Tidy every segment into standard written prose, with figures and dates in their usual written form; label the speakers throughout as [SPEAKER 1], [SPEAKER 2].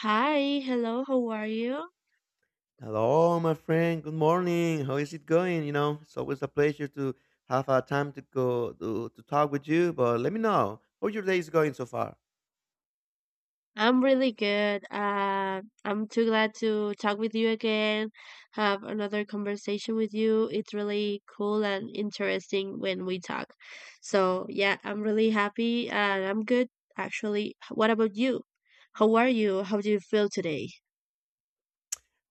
[SPEAKER 1] Hi, hello, how are you?
[SPEAKER 2] Hello, my friend. Good morning. How is it going? You know, it's always a pleasure to have a time to to talk with you. But let me know how your day is going so far.
[SPEAKER 1] I'm really good. I'm too glad to talk with you again, have another conversation with you. It's really cool and interesting when we talk. So, yeah, I'm really happy and I'm good, actually. What about you? How are you? How do you feel today?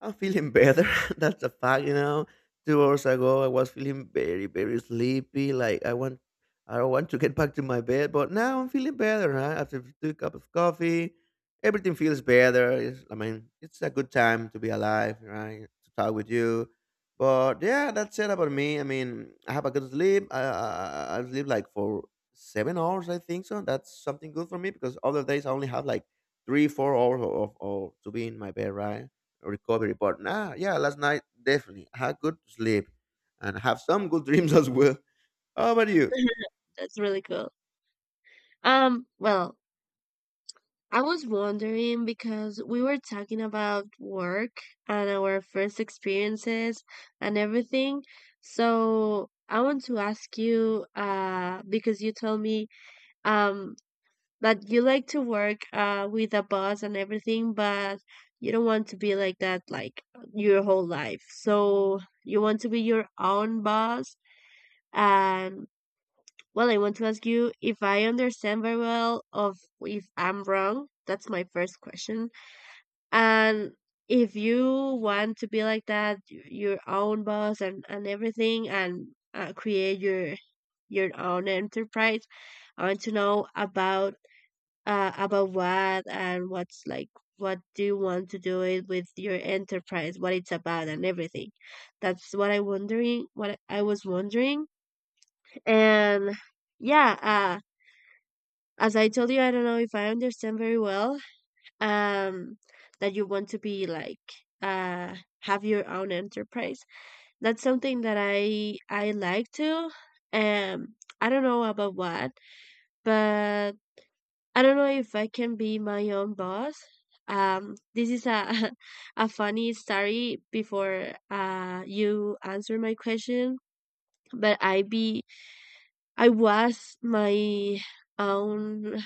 [SPEAKER 2] I'm feeling better. That's a fact. 2 hours ago, I was feeling very, very sleepy. Like I don't want to get back to my bed. But now I'm feeling better. Huh? After 2 cup of coffee, everything feels better. It's, I mean, it's a good time to be alive, right? To talk with you. But yeah, that's it about me. I mean, I have a good sleep. I sleep like for 7 hours, I think so. That's something good for me because other days I only have like three, 4 hours of to be in my bed, right? Recovery. But nah, yeah, last night definitely I had good sleep and have some good dreams as well. How about you?
[SPEAKER 1] That's really cool. Well, I was wondering because we were talking about work and our first experiences and everything. So I want to ask you, because you told me, um, that you like to work, with a boss and everything, but you don't want to be like that, like your whole life. So you want to be your own boss. And well, I want to ask you if I understand very well, of if I'm wrong. That's my first question. And if you want to be like that, your own boss and everything, and create your own enterprise, I want to know about what and what's like what do you want to do it with your enterprise, what it's about and everything. That's what I was wondering. And yeah, as I told you, I don't know if I understand very well um that you want to be like uh have your own enterprise, that's something that I like to, um I don't know about what, but I don't know if I can be my own boss. This is a a funny story before you answer my question, but I be I was my own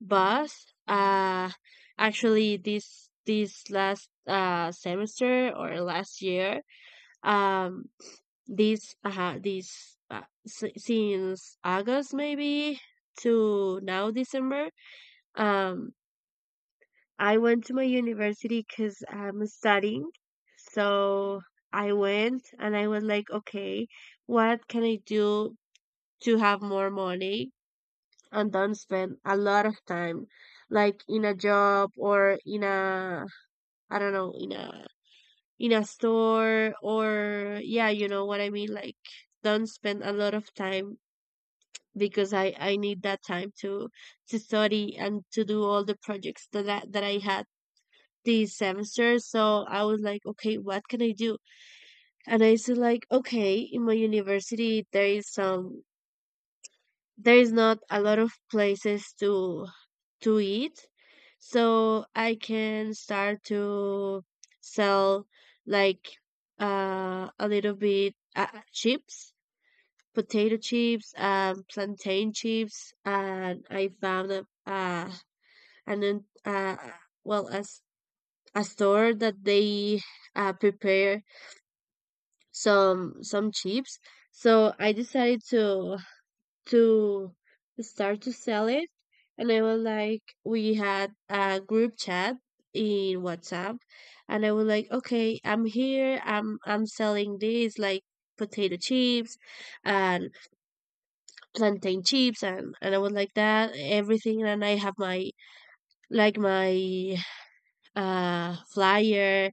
[SPEAKER 1] boss. Actually, this last semester or last year, um, this this since August maybe to now December, um, I went to my university because I'm studying. So I went and I was like, okay, what can I do to have more money? And don't spend a lot of time, like in a job or in a, I don't know, in a, in a store, or yeah, you know what I mean, like don't spend a lot of time because I need that time to study and to do all the projects that I had this semester. So I was like, okay, what can I do? And I said like, okay, in my university there is some, there is not a lot of places to eat, so I can start to sell, like, a little bit chips, potato chips, plantain chips. And I found a and then well, as a store that they prepare some chips. So I decided to start to sell it. And I was like, we had a group chat in WhatsApp, and I was like, okay, I'm here. I'm selling this, like, potato chips and plantain chips, and I was like that everything. And I have my, like my, flyer,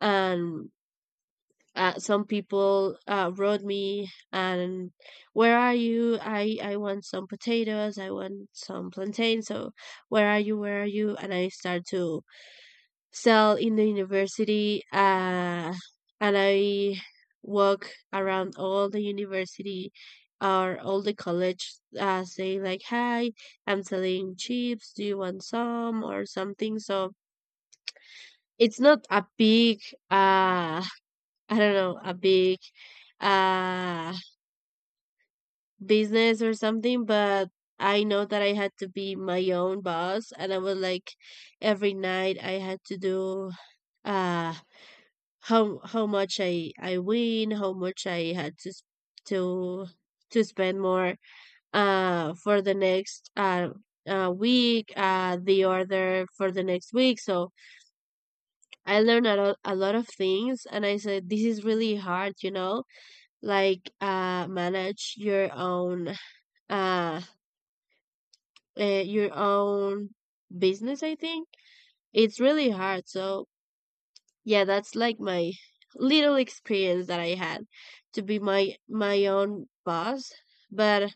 [SPEAKER 1] and some people wrote me and where are you? I want some potatoes. I want some plantain. So where are you? Where are you? And I start to sell in the university. And I walk around all the university or all the college, say like, hi, I'm selling chips. Do you want some or something? So it's not a big, uh, I don't know, a big uh business or something, but I know that I had to be my own boss. And I was like, every night I had to do uh how much I win, how much I had to to to spend more for the next week, the order for the next week. So I learned a lot of things, and I said, this is really hard, you know, like, manage uh, your own business, I think it's really hard. So yeah, that's like my little experience that I had to be my own boss. But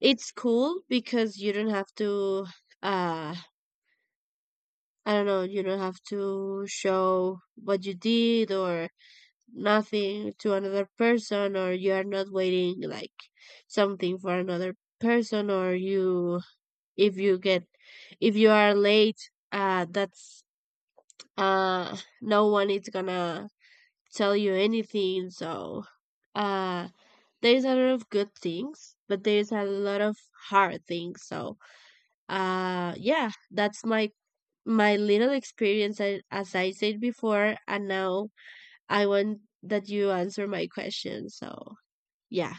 [SPEAKER 1] it's cool because you don't have to, uh I don't know, you don't have to show what you did or nothing to another person, or you are not waiting like something for another person, or you, if you get, if you are late, that's no one is gonna tell you anything. So uh there's a lot of good things, but there's a lot of hard things. So yeah, that's my my little experience, as I said before, and now I want that you answer my question. So yeah.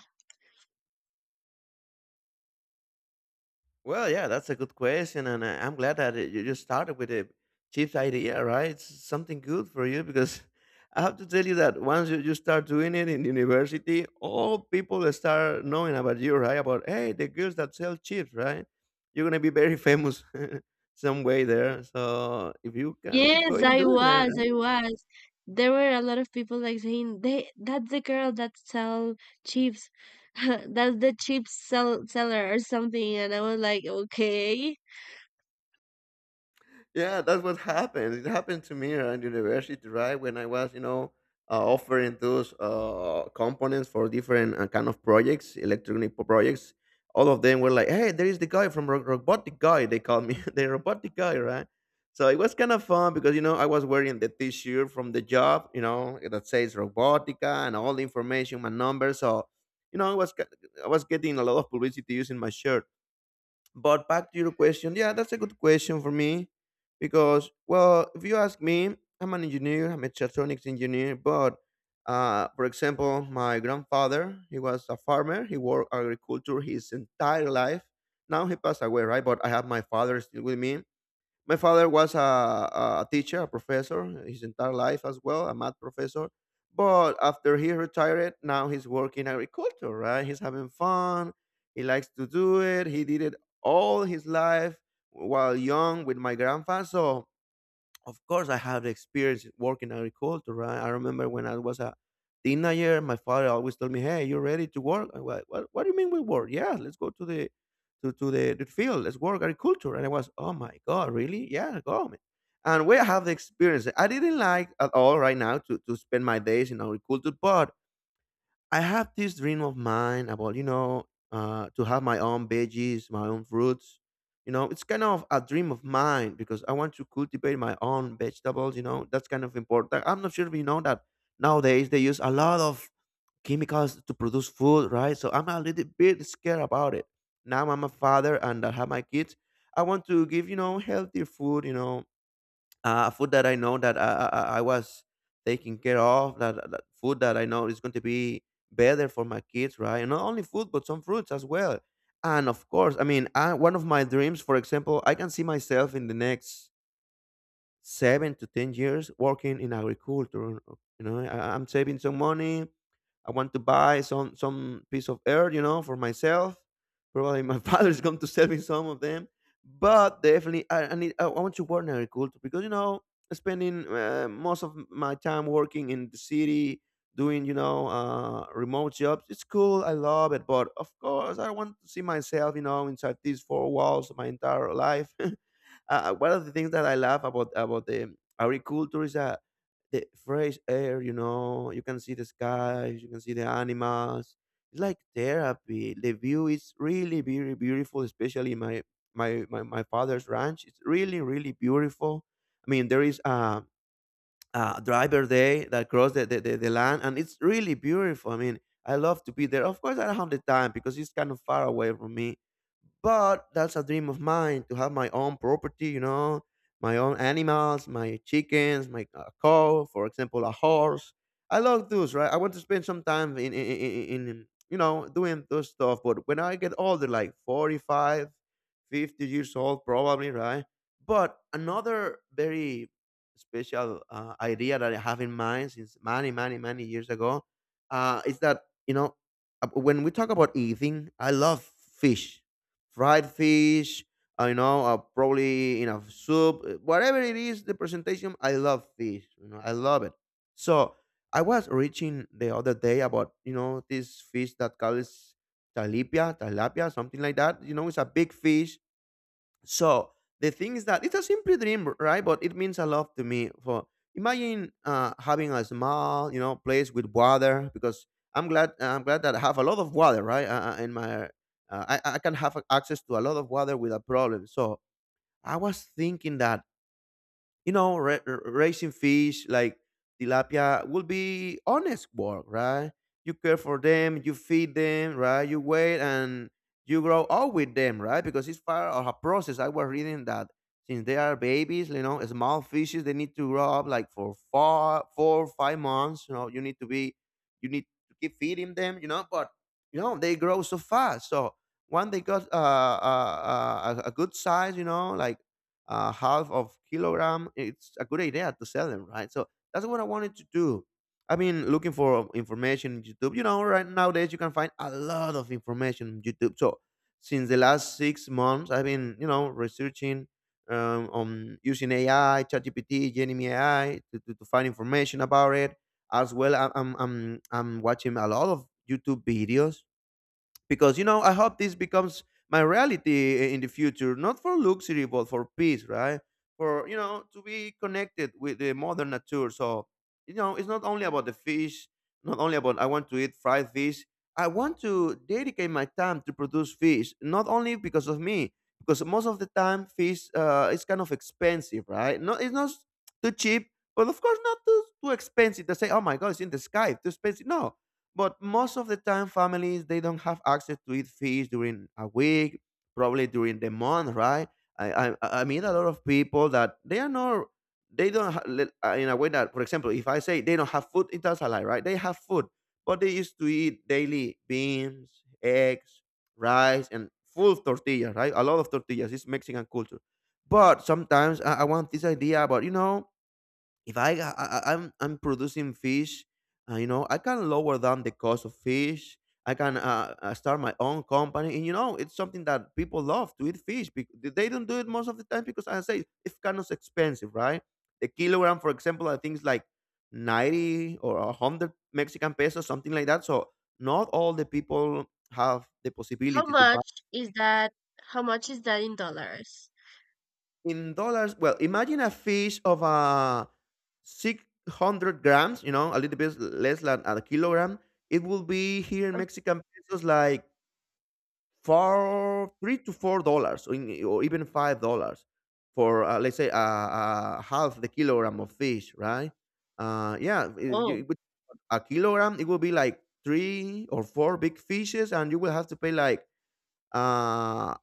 [SPEAKER 2] Well, yeah, that's a good question, and I'm glad that you just started with a chips idea, right? It's something good for you because I have to tell you that once you start doing it in university, all people start knowing about you, right? About hey, the girls that sell chips, right? You're gonna be very famous some way there. So if you can keep
[SPEAKER 1] Yes,
[SPEAKER 2] going
[SPEAKER 1] I
[SPEAKER 2] doing it,
[SPEAKER 1] was.
[SPEAKER 2] right?
[SPEAKER 1] I was. There were a lot of people like saying they, that's the girl that sell chips. That's the chips sell seller or something. And I was like, okay.
[SPEAKER 2] Yeah, that's what happened. It happened to me around university, right? When I was, you know, offering those components for different kind of projects, electronic projects. All of them were like, "Hey, there is the guy from robotic guy." They call me the robotic guy, right? So it was kind of fun because you know I was wearing the T-shirt from the job, you know, that says robotica and all the information, my number. So you know, I was getting a lot of publicity using my shirt. But back to your question, yeah, that's a good question for me because, well, if you ask me, I'm an engineer, I'm a mechatronics engineer, but for example, my grandfather, he was a farmer, he worked agriculture his entire life. Now he passed away, right? But I have my father still with me. My father was a teacher, a professor, his entire life as well, a math professor. But after he retired, now he's working agriculture, right? He's having fun. He likes to do it. He did it all his life while young with my grandpa. So of course I have the experience working in agriculture, right? I remember when I was a teenager, my father always told me, "Hey, you ready to work?" Do you mean we work? Yeah, let's go to the field, let's work agriculture. And I was, oh my god, really? Yeah, go man. And we have the experience. I didn't like at all, right now, to spend my days in agriculture. But I have this dream of mine about to have my own veggies, my own fruits. You know, it's kind of a dream of mine because I want to cultivate my own vegetables. You know, that's kind of important. I'm not sure if you know that nowadays they use a lot of chemicals to produce food, right? So I'm a little bit scared about it. Now I'm a father and I have my kids. I want to give healthy food. You know, food that I know that I was taking care of, that food that I know is going to be better for my kids, right? And not only food, but some fruits as well. And of course, I mean, one of my dreams, for example, I can see myself in the next 7 to 10 years working in agriculture. You know, I'm saving some money. I want to buy some piece of earth, you know, for myself. Probably my father is going to sell me some of them, but definitely I need. I want to work in agriculture because you know, spending most of my time working in the city, doing you know remote jobs. It's cool. I love it, but of course, I want to see myself, you know, inside these four walls my entire life. One of the things that I love about the agriculture is that the fresh air. You know, you can see the skies, you can see the animals. It's like therapy. The view is really very beautiful, especially my father's ranch. It's really really beautiful. I mean, there is a driver day that cross the land, and it's really beautiful. I mean, I love to be there. Of course, I don't have the time because it's kind of far away from me, but that's a dream of mine to have my own property, you know, my own animals, my chickens, my a cow, for example, a horse. I love those, right? I want to spend some time in you know, doing those stuff. But when I get older, like 45, 50 years old, probably, right? But another very special idea that I have in mind since many, many, many years ago is that, you know, when we talk about eating, I love fish fried fish, you know, probably in a soup, whatever it is, the presentation. I love fish, you know, I love it. So I was reaching the other day about you know this fish that calls tilapia, tilapia, something like that. You know, it's a big fish. So the thing is that it's a simple dream, right? But it means a lot to me. For imagine having a small, you know, place with water because I'm glad that I have a lot of water, right? In my, I can have access to a lot of water without problem. So I was thinking that you know, raising fish like tilapia will be honest work, right? You care for them, you feed them, right? You wait and you grow up with them, right? Because it's part of a process. I was reading that since they are babies, you know, small fishes, they need to grow up like for four, four, 5 months. You know, you need to keep feeding them, you know. But you know, they grow so fast. So when they got a good size, you know, like half of kilogram, it's a good idea to sell them, right? So that's what I wanted to do. I've been looking for information in YouTube. You know, right nowadays you can find a lot of information on YouTube. So since the last 6 months, I've been, you know, researching on using AI, ChatGPT, Gemini AI to find information about it. As well, I'm watching a lot of YouTube videos because you know I hope this becomes my reality in the future, not for luxury but for peace, right? For you know to be connected with the mother nature. So you know, it's not only about the fish, not only about I want to eat fried fish. I want to dedicate my time to produce fish, not only because of me, because most of the time fish is kind of expensive, right? No, it's not too cheap, but of course not too, too expensive to say oh my god it's in the sky too expensive. No, but most of the time, families they don't have access to eat fish during a week, probably during the month, right? I meet a lot of people that they are not they don't in a way that, for example, if I say they don't have food, it does a lie, right? They have food, but they used to eat daily beans, eggs, rice, and full tortillas, right? A lot of tortillas. It's Mexican culture. But sometimes I want this idea about you know if I'm producing fish, you know, I can lower down the cost of fish. I can start my own company, and you know, it's something that people love to eat fish. They don't do it most of the time because, as I say, it's kind of expensive, right? The kilogram, for example, I think is like 90 or a hundred Mexican pesos, something like that. So not all the people have the
[SPEAKER 1] How
[SPEAKER 2] possibility to.
[SPEAKER 1] much is that? How much is that in dollars?
[SPEAKER 2] In dollars, well, imagine a fish of a 600 grams, you know, a little bit less than a kilogram. It will be here in
[SPEAKER 1] Oh,
[SPEAKER 2] Mexican pesos like four, three to four dollars, or or even $5 for, let's say, half the kilogram of fish, right? Yeah, if
[SPEAKER 1] oh,
[SPEAKER 2] you- with a kilogram, it will be like three or four big fishes, and you will have to pay like uh,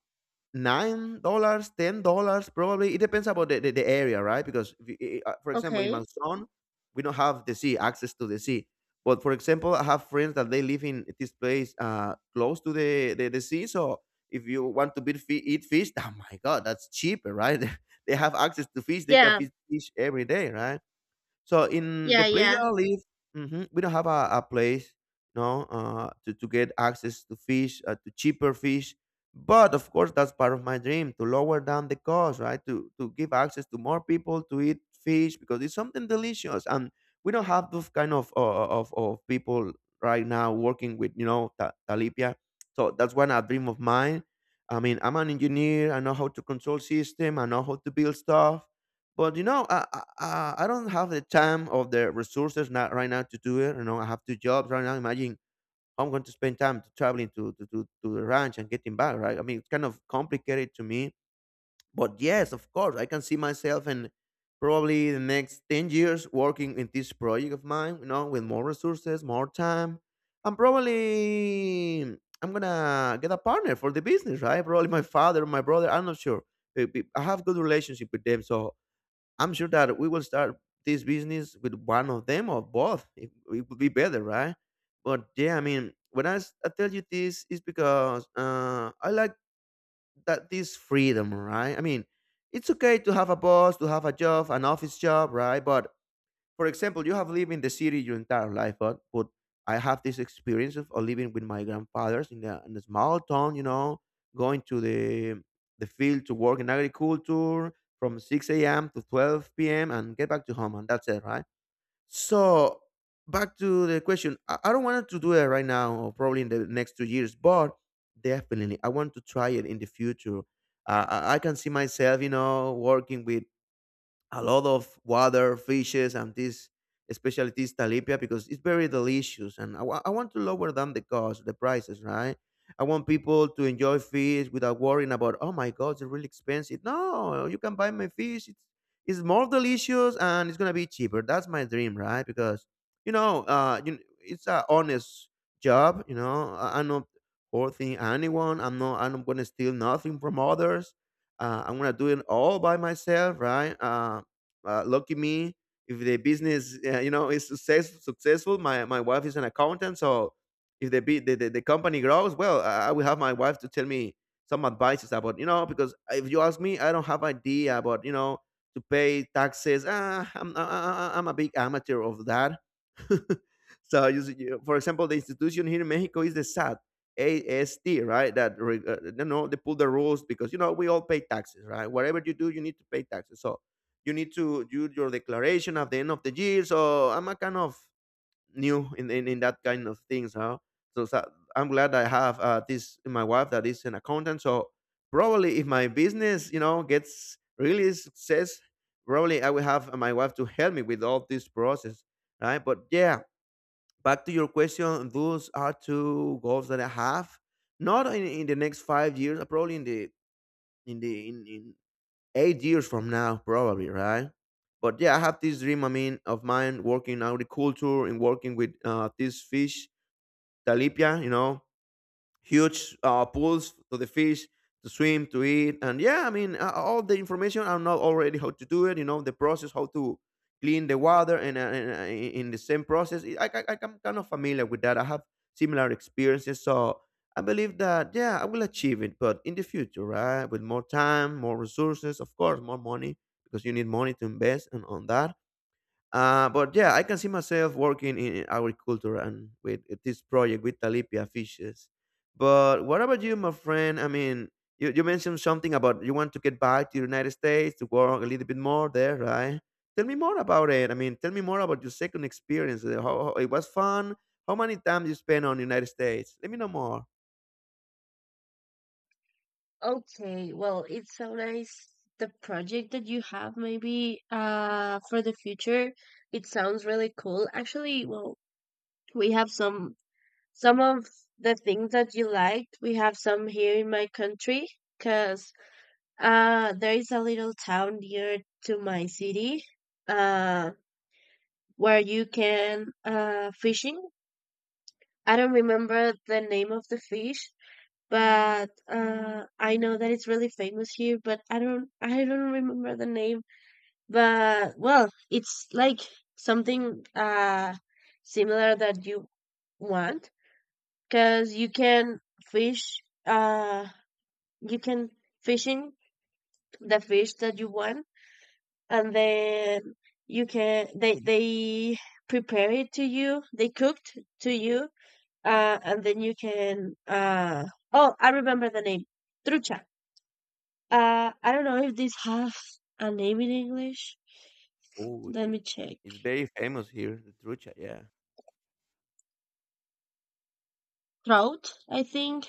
[SPEAKER 2] $9, $10, probably. It depends about the area, right? Because if you- I- for example, in
[SPEAKER 1] okay.
[SPEAKER 2] Manson, we don't have the sea access to the sea. But for example, I have friends that they live in this place close to the sea. So if you want to be, eat fish, oh my god, that's cheaper, right? They have access to fish. They can
[SPEAKER 1] Yeah,
[SPEAKER 2] fish every day, right? So in the
[SPEAKER 1] yeah,
[SPEAKER 2] place that
[SPEAKER 1] yeah.
[SPEAKER 2] I live, mhm, we don't have a place, no, to get access to fish, to cheaper fish. But of course, that's part of my dream to lower down the cost, right? To give access to more people to eat fish because it's something delicious, and we don't have those kind of of people right now working with you know talipia. So that's one a dream of mine. I mean, I'm an engineer. I know how to control system. I know how to build stuff, but you know, I don't have the time or the resources, not right now, to do it. You know, I have 2 jobs right now. Imagine I'm going to spend time to traveling to the ranch and getting back, right? I mean, it's kind of complicated to me. But yes, of course, I can see myself in probably the next 10 years working in this project of mine. You know, with more resources, more time, and probably I'm gonna get a partner for the business, right? Probably my father, my brother. I'm not sure. I have good relationship with them, so I'm sure that we will start this business with one of them or both. It would be better, right? But yeah, I mean, when I tell you this, it's because I like that this freedom, right? I mean, it's okay to have a boss, to have a job, an office job, right? But for example, you have lived in the city your entire life, but I have this experience of living with my grandfathers in in a small town. You know, going to the field to work in agriculture from 6 a.m. to 12 p.m. and get back to home, and that's it, right? So back to the question, I don't want to do it right now, or probably in the next 2 years, but definitely I want to try it in the future. I can see myself, you know, working with a lot of water fishes and this, especially this tilapia, because it's very delicious and I want to lower down the cost, the prices, right? I want people to enjoy fish without worrying about oh my god, it's really expensive. No, you can buy my fish. It's more delicious and it's gonna be cheaper. That's my dream, right? Because you know it's a honest job. You know, I'm not hurting anyone. I'm not gonna steal nothing from others. I'm gonna do it all by myself, right? Lucky me, if the business you know is successful, my wife is an accountant. So if the, be the company grows well, I will have my wife to tell me some advices about you know, because if you ask me, I don't have idea about you know, to pay taxes. I'm a big amateur of that. So see, for example, the institution here in Mexico is the sat AST, right? You know, they put the rules because you know we all pay taxes, right? Whatever you do, you need to pay taxes. So you need to do your declaration at the end of the year. So I'm a kind of new in that kind of things, huh? So I'm glad I have this my wife that is an accountant. So probably if my business, you know, gets really success, probably I will have my wife to help me with all this process, right? But yeah, back to your question, those are two goals that I have. Not in the next 5 years, probably in 8 years from now, probably, right? But yeah, I have this dream, I mean, of mine, working in agriculture and working with this fish, tilapia. You know, huge pools for the fish to swim, to eat. And yeah, I mean, all the information, I know already how to do it, you know, the process, how to clean the water, and in the same process, I'm kind of familiar with that. I have similar experiences, so I believe that yeah, I will achieve it, but in the future, right, with more time, more resources, of course more money, because you need money to invest and on that. But yeah, I can see myself working in agriculture and with this project with talipia fishes. But what about you, my friend? I mean, you mentioned something about you want to get back to the United States to work a little bit more there, right? Tell me more about it. I mean, tell me more about your second experience. How it was fun. How many times you spent on the United States? Let me know more.
[SPEAKER 1] Okay. Well, it's so nice. The project that you have maybe for the future, it sounds really cool. Actually, well, we have some of the things that you liked. We have some here in my country because there is a little town near to my city, uh, where you can fishing. I don't remember the name of the fish, but I know that it's really famous here. But I don't remember the name. But well, it's like something similar that you want, because you can fish, uh you can fishing the fish that you want, and then you can, they prepare it to you, they cooked to you, and then you can oh, I remember the name, trucha. I don't know if this has a name in English.
[SPEAKER 2] Oh,
[SPEAKER 1] Let
[SPEAKER 2] yeah.
[SPEAKER 1] me check.
[SPEAKER 2] It's very famous here, the trucha. Yeah,
[SPEAKER 1] Trout, I think.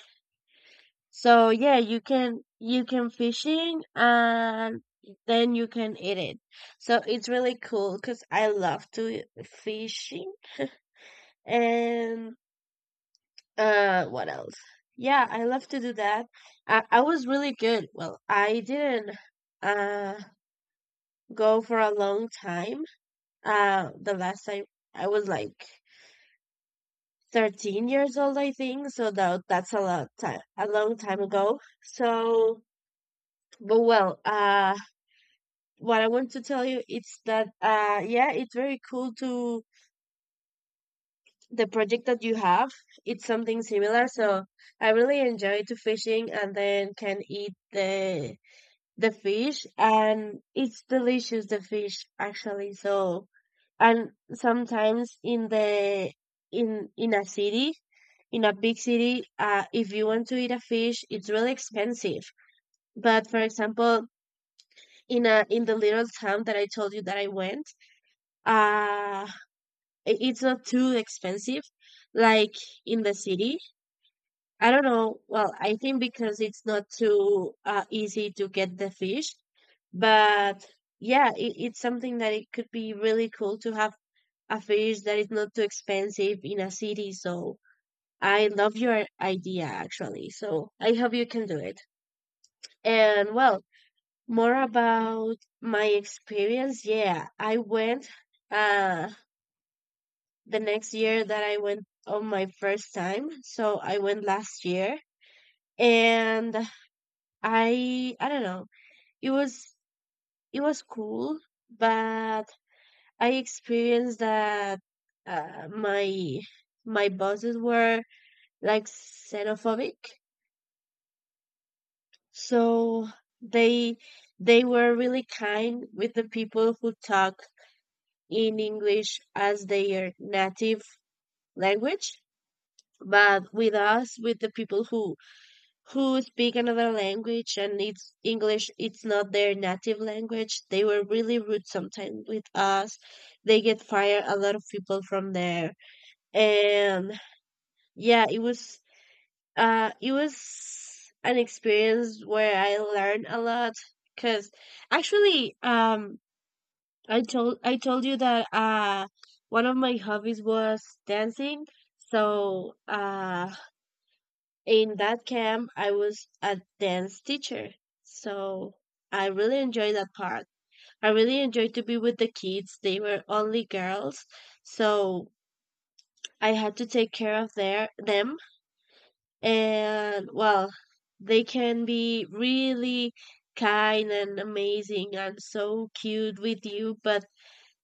[SPEAKER 1] So yeah, you can fishing and then you can eat it. So it's really cool because I love to fishing, and what else? Yeah, I love to do that. I was really good. Well, I didn't uh go for a long time. Uh, the last time I was like 13 years old, I think. So that that's a lot time, a long time ago. So but well, what I want to tell you is that, yeah, it's very cool, to the project that you have. It's something similar, so I really enjoy to fishing and then can eat the fish, and it's delicious the fish, actually. So and sometimes in the, in a city, in a big city, if you want to eat a fish, it's really expensive. But for example, in a, in the little town that I told you that I went, uh it's not too expensive like in the city. I don't know, well, I think because it's not too easy to get the fish, but yeah, it, it's something that it could be really cool to have a fish that is not too expensive in a city. So I love your idea, actually, so I hope you can do it. And well, more about my experience. Yeah, I went uh the next year that I went on my first time. So I went last year, and I don't know. It was, it was cool, but I experienced that, my my bosses were like xenophobic. So they they were really kind with the people who talk in English as their native language, but with us, with the people who speak another language and it's English, it's not their native language, they were really rude sometimes with us. They get fired a lot of people from there. And yeah, it was, it was an experience where I learned a lot, cuz actually, I told you that one of my hobbies was dancing. So in that camp I was a dance teacher, so I really enjoyed that part. I really enjoyed to be with the kids. They were only girls, so I had to take care of their them. And well, they can be really kind and amazing and so cute with you, but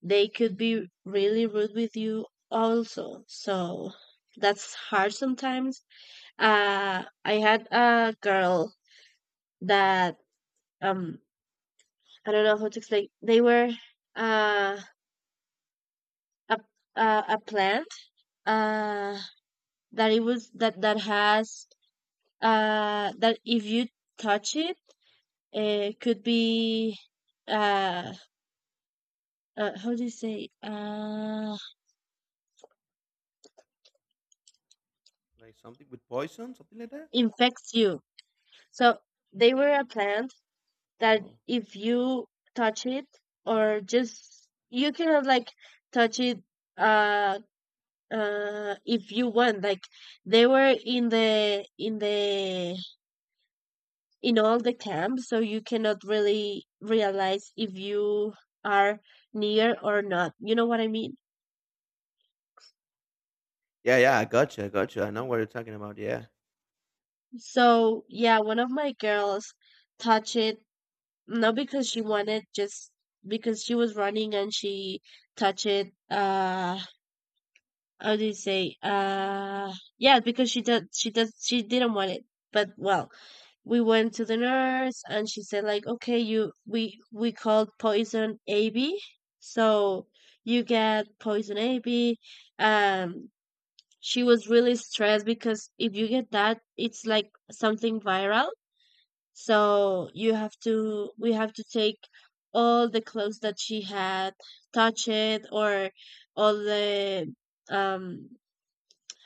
[SPEAKER 1] they could be really rude with you also. So that's hard sometimes. I had a girl that, um I don't know how to explain. They were uh a a plant uh that it was that that has that if you touch it, it could be uh, how do you say,
[SPEAKER 2] like something with poison, something like that.
[SPEAKER 1] infects you. So they were a plant that
[SPEAKER 2] Wow.
[SPEAKER 1] if you touch it, or just you cannot like touch it, uh if you want, like, they were in the, in the, in all the camps, so you cannot really realize if you are near or not, you know what I mean.
[SPEAKER 2] Yeah, yeah, I gotcha, I gotcha. I know what you're talking about. Yeah.
[SPEAKER 1] So yeah, one of my girls touched it, not because she wanted, just because she was running and she touched it. How do you say? Yeah, because she did, she does, she didn't want it. But well, we went to the nurse, and she said like, okay, we called poison AB, so you get poison AB. Um, she was really stressed because if you get that, it's like something viral. So we have to take all the clothes that she had, touch it, or all the um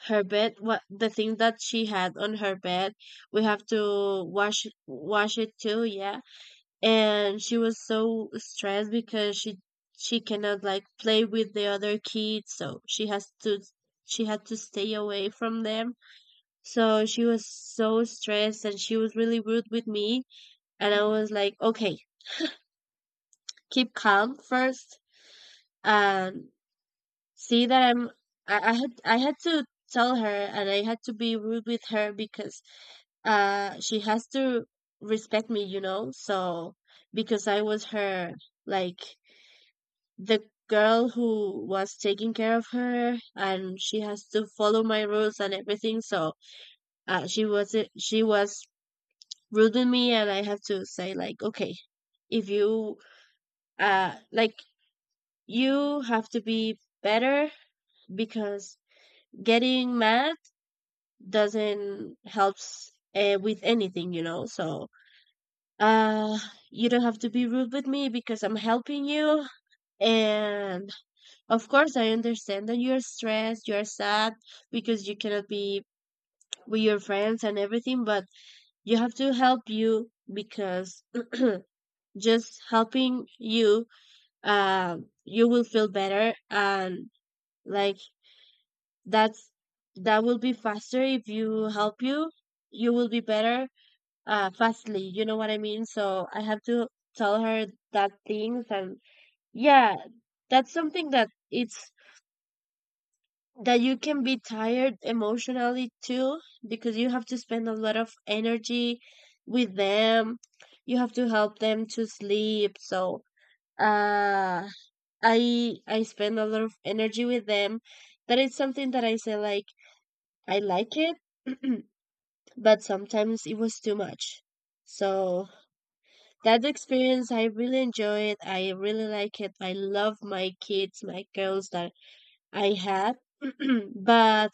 [SPEAKER 1] her bed, what the thing that she had on her bed, we have to wash it too. Yeah, and she was so stressed because she cannot like play with the other kids, so she had to stay away from them. So she was so stressed and she was really rude with me, and I was like, okay, keep calm first. And see that I had to tell her, and I had to be rude with her because she has to respect me, you know. So because I was her, like, the girl who was taking care of her, and she has to follow my rules and everything. So she was rude to me, and I have to say, like, okay, if you like, you have to be better, because getting mad doesn't helps with anything, you know. So uh you don't have to be rude with me because I'm helping you. And of course I understand that you're stressed, you're sad, because you cannot be with your friends and everything. But you have to help you because just helping you you will feel better, and, like, that's that will be faster if you help you. You will be better fastly, you know what I mean. So I have to tell her that things. And yeah, that's something that it's that you can be tired emotionally too, because you have to spend a lot of energy with them. You have to help them to sleep. So, uh I spend a lot of energy with them. That is something that I say, like, I like it, but sometimes it was too much. So, that experience, I really enjoy it. I really like it. I love my kids, my girls that I had, but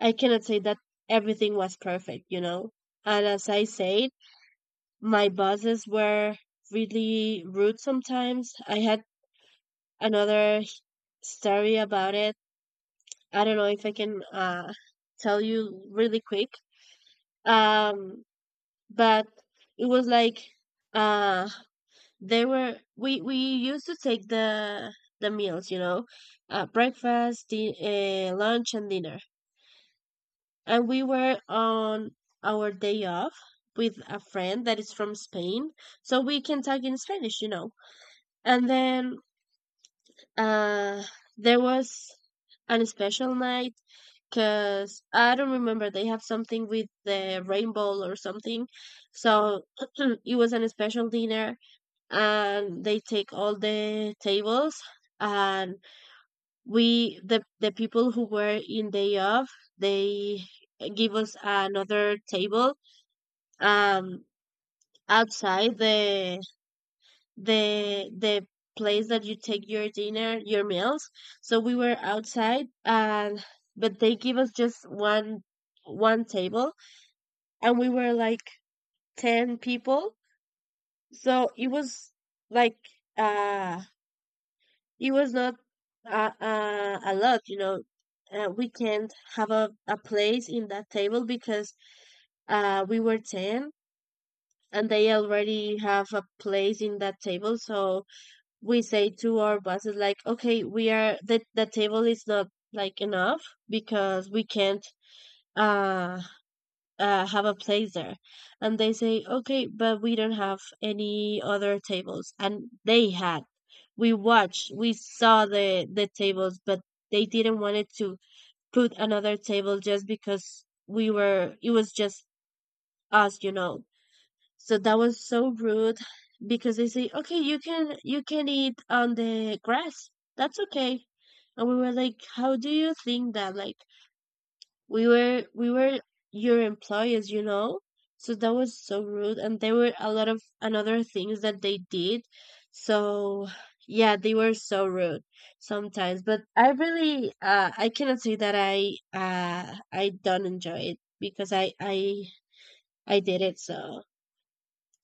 [SPEAKER 1] I cannot say that everything was perfect, you know? And as I said, my bosses were really rude sometimes. I had another h- story about it. I don't know if I can tell you really quick. Um, but it was like, uh, they were we used to take the meals, you know, breakfast, lunch, and dinner. And we were on our day off with a friend that is from Spain, so we can talk in Spanish, you know. And then uh, there was an special night because I don't remember, they have something with the rainbow or something. So it was an special dinner, and they take all the tables. And we, the people who were in day off, they give us another table, um outside the the the place that you take your dinner, your meals. So we were outside. And but they give us just one table, and we were like 10 people. So it was, like, uh it was not a lot, you know. We can't have a place in that table because we were 10, and they already have a place in that table. So we say to our bosses, like, okay, we are the table is not, like, enough, because we can't, uh, have a place there. And they say, okay, but we don't have any other tables. And they had we watched, we saw the tables, but they didn't want it to put another table just because we were, it was just us, you know. So that was so rude, because they say, "Okay, you can, you can eat on the grass. That's okay." And we were like, "How do you think that? Like, we were your employees, you know." So that was so rude, and there were a lot of another things that they did. So yeah, they were so rude sometimes. But I really, I cannot say that I, I don't enjoy it, because I did it. So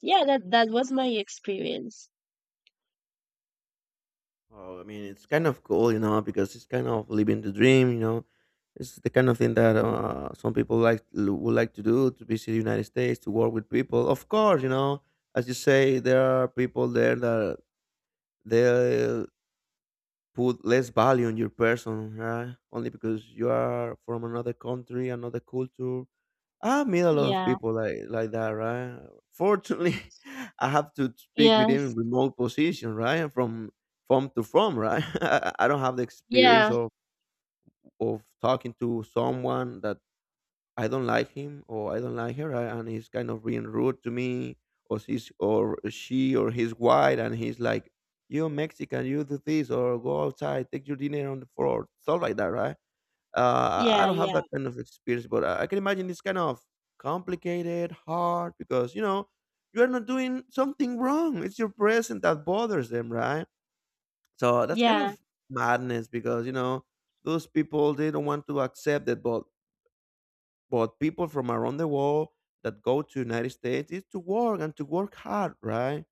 [SPEAKER 1] yeah, that was my experience.
[SPEAKER 2] Oh, I mean, it's kind of cool, you know, because it's kind of living the dream, you know. It's the kind of thing that some people would like to do, to visit the United States to work with people. Of course, you know, as you say, there are people there that they put less value on your person, right? Only because you are from another country, another culture, I meet a lot of
[SPEAKER 1] Yeah.
[SPEAKER 2] people like that, right? Fortunately, I have to speak with them
[SPEAKER 1] Yes.
[SPEAKER 2] in remote position, right? From to from, right? I don't have the experience
[SPEAKER 1] Yeah.
[SPEAKER 2] of talking to someone that I don't like him or I don't like her, right? And he's kind of being rude to me, or she's or she or he's white, and he's like, "You're Mexican, you do this, or go outside, take your dinner on the floor," stuff like that, right? I
[SPEAKER 1] Yeah,
[SPEAKER 2] don't have
[SPEAKER 1] yeah.
[SPEAKER 2] that kind of experience, but I can imagine it's kind of complicated, hard, because you know you are not doing something wrong. It's your present that bothers them, right? So that's kind
[SPEAKER 1] Yeah.
[SPEAKER 2] of madness, because you know those people, they don't want to accept that, but people from around the world that go to United States is to work and to work hard, right?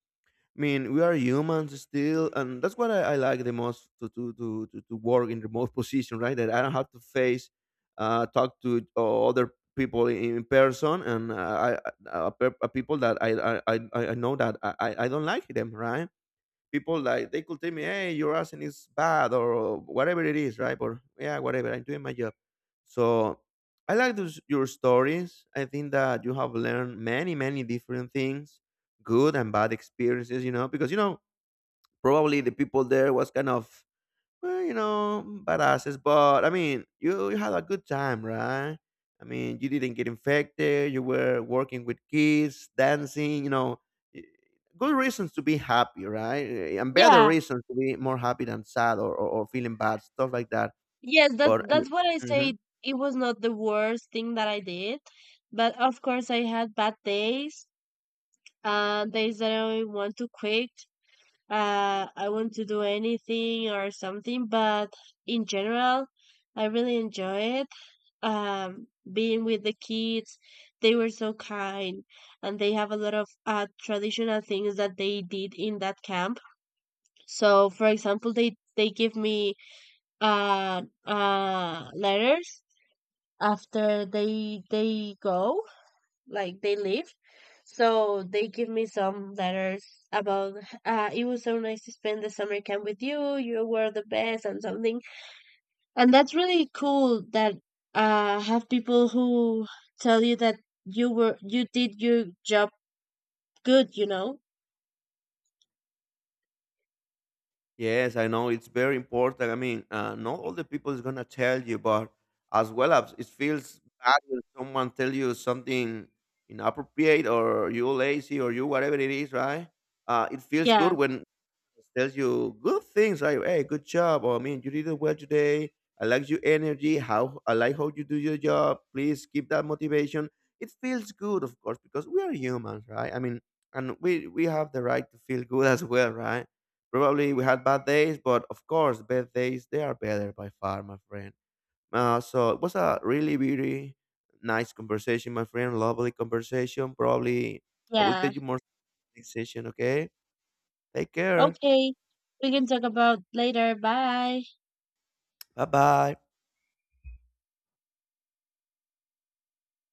[SPEAKER 2] I mean, we are humans still, and that's what I like the most, to work in remote position, right? That I don't have to face, talk to other people in person, and people that I know that I don't like them, right? People like they could tell me, "Hey, your accent is bad," or whatever it is, right? Or yeah, whatever. I'm doing my job. So I like those your stories. I think that you have learned many, many different things, good and bad experiences. You know, because you know probably the people there was kind of well, you know, badasses, but I mean, you had a good time, right? I mean, you didn't get infected. You were working with kids, dancing. You know, y- good reasons to be happy, right? And better
[SPEAKER 1] Yeah.
[SPEAKER 2] reasons to be more happy than sad or, or feeling bad, stuff like that.
[SPEAKER 1] Yes,
[SPEAKER 2] But I mean,
[SPEAKER 1] that's what I
[SPEAKER 2] mm-hmm.
[SPEAKER 1] say. It was not the worst thing that I did, but of course I had bad days, days that I want to quit. I want to do anything or something. But in general, I really enjoy it. Being with the kids, they were so kind, and they have a lot of traditional things that they did in that camp. So for example, they give me letters after they go, like, they leave. So they give me some letters about, it was so nice to spend the summer camp with you, you were the best, and something. And that's really cool that have people who tell you that you were, you did your job good, you know?
[SPEAKER 2] Yes, I know it's very important. I mean, not all the people is gonna tell you, but as well as it feels bad when someone tell you something inappropriate or you lazy or you whatever it is, right? It feels good
[SPEAKER 1] Yeah,
[SPEAKER 2] when tells you good things like, "Hey, good job," or "I mean, you did it well today. I like your energy. How I like how you do your job. Please keep that motivation." It feels good, of course, because we are humans, right? I mean, and we have the right to feel good as well, right? Probably we had bad days, but of course, bad days they are better by far, my friend. So it was a really, really nice conversation, my friend. Lovely conversation. Probably I will tell
[SPEAKER 1] yeah.
[SPEAKER 2] you more next session. Okay. Take care.
[SPEAKER 1] Okay. We can talk about later. Bye.
[SPEAKER 2] Bye bye.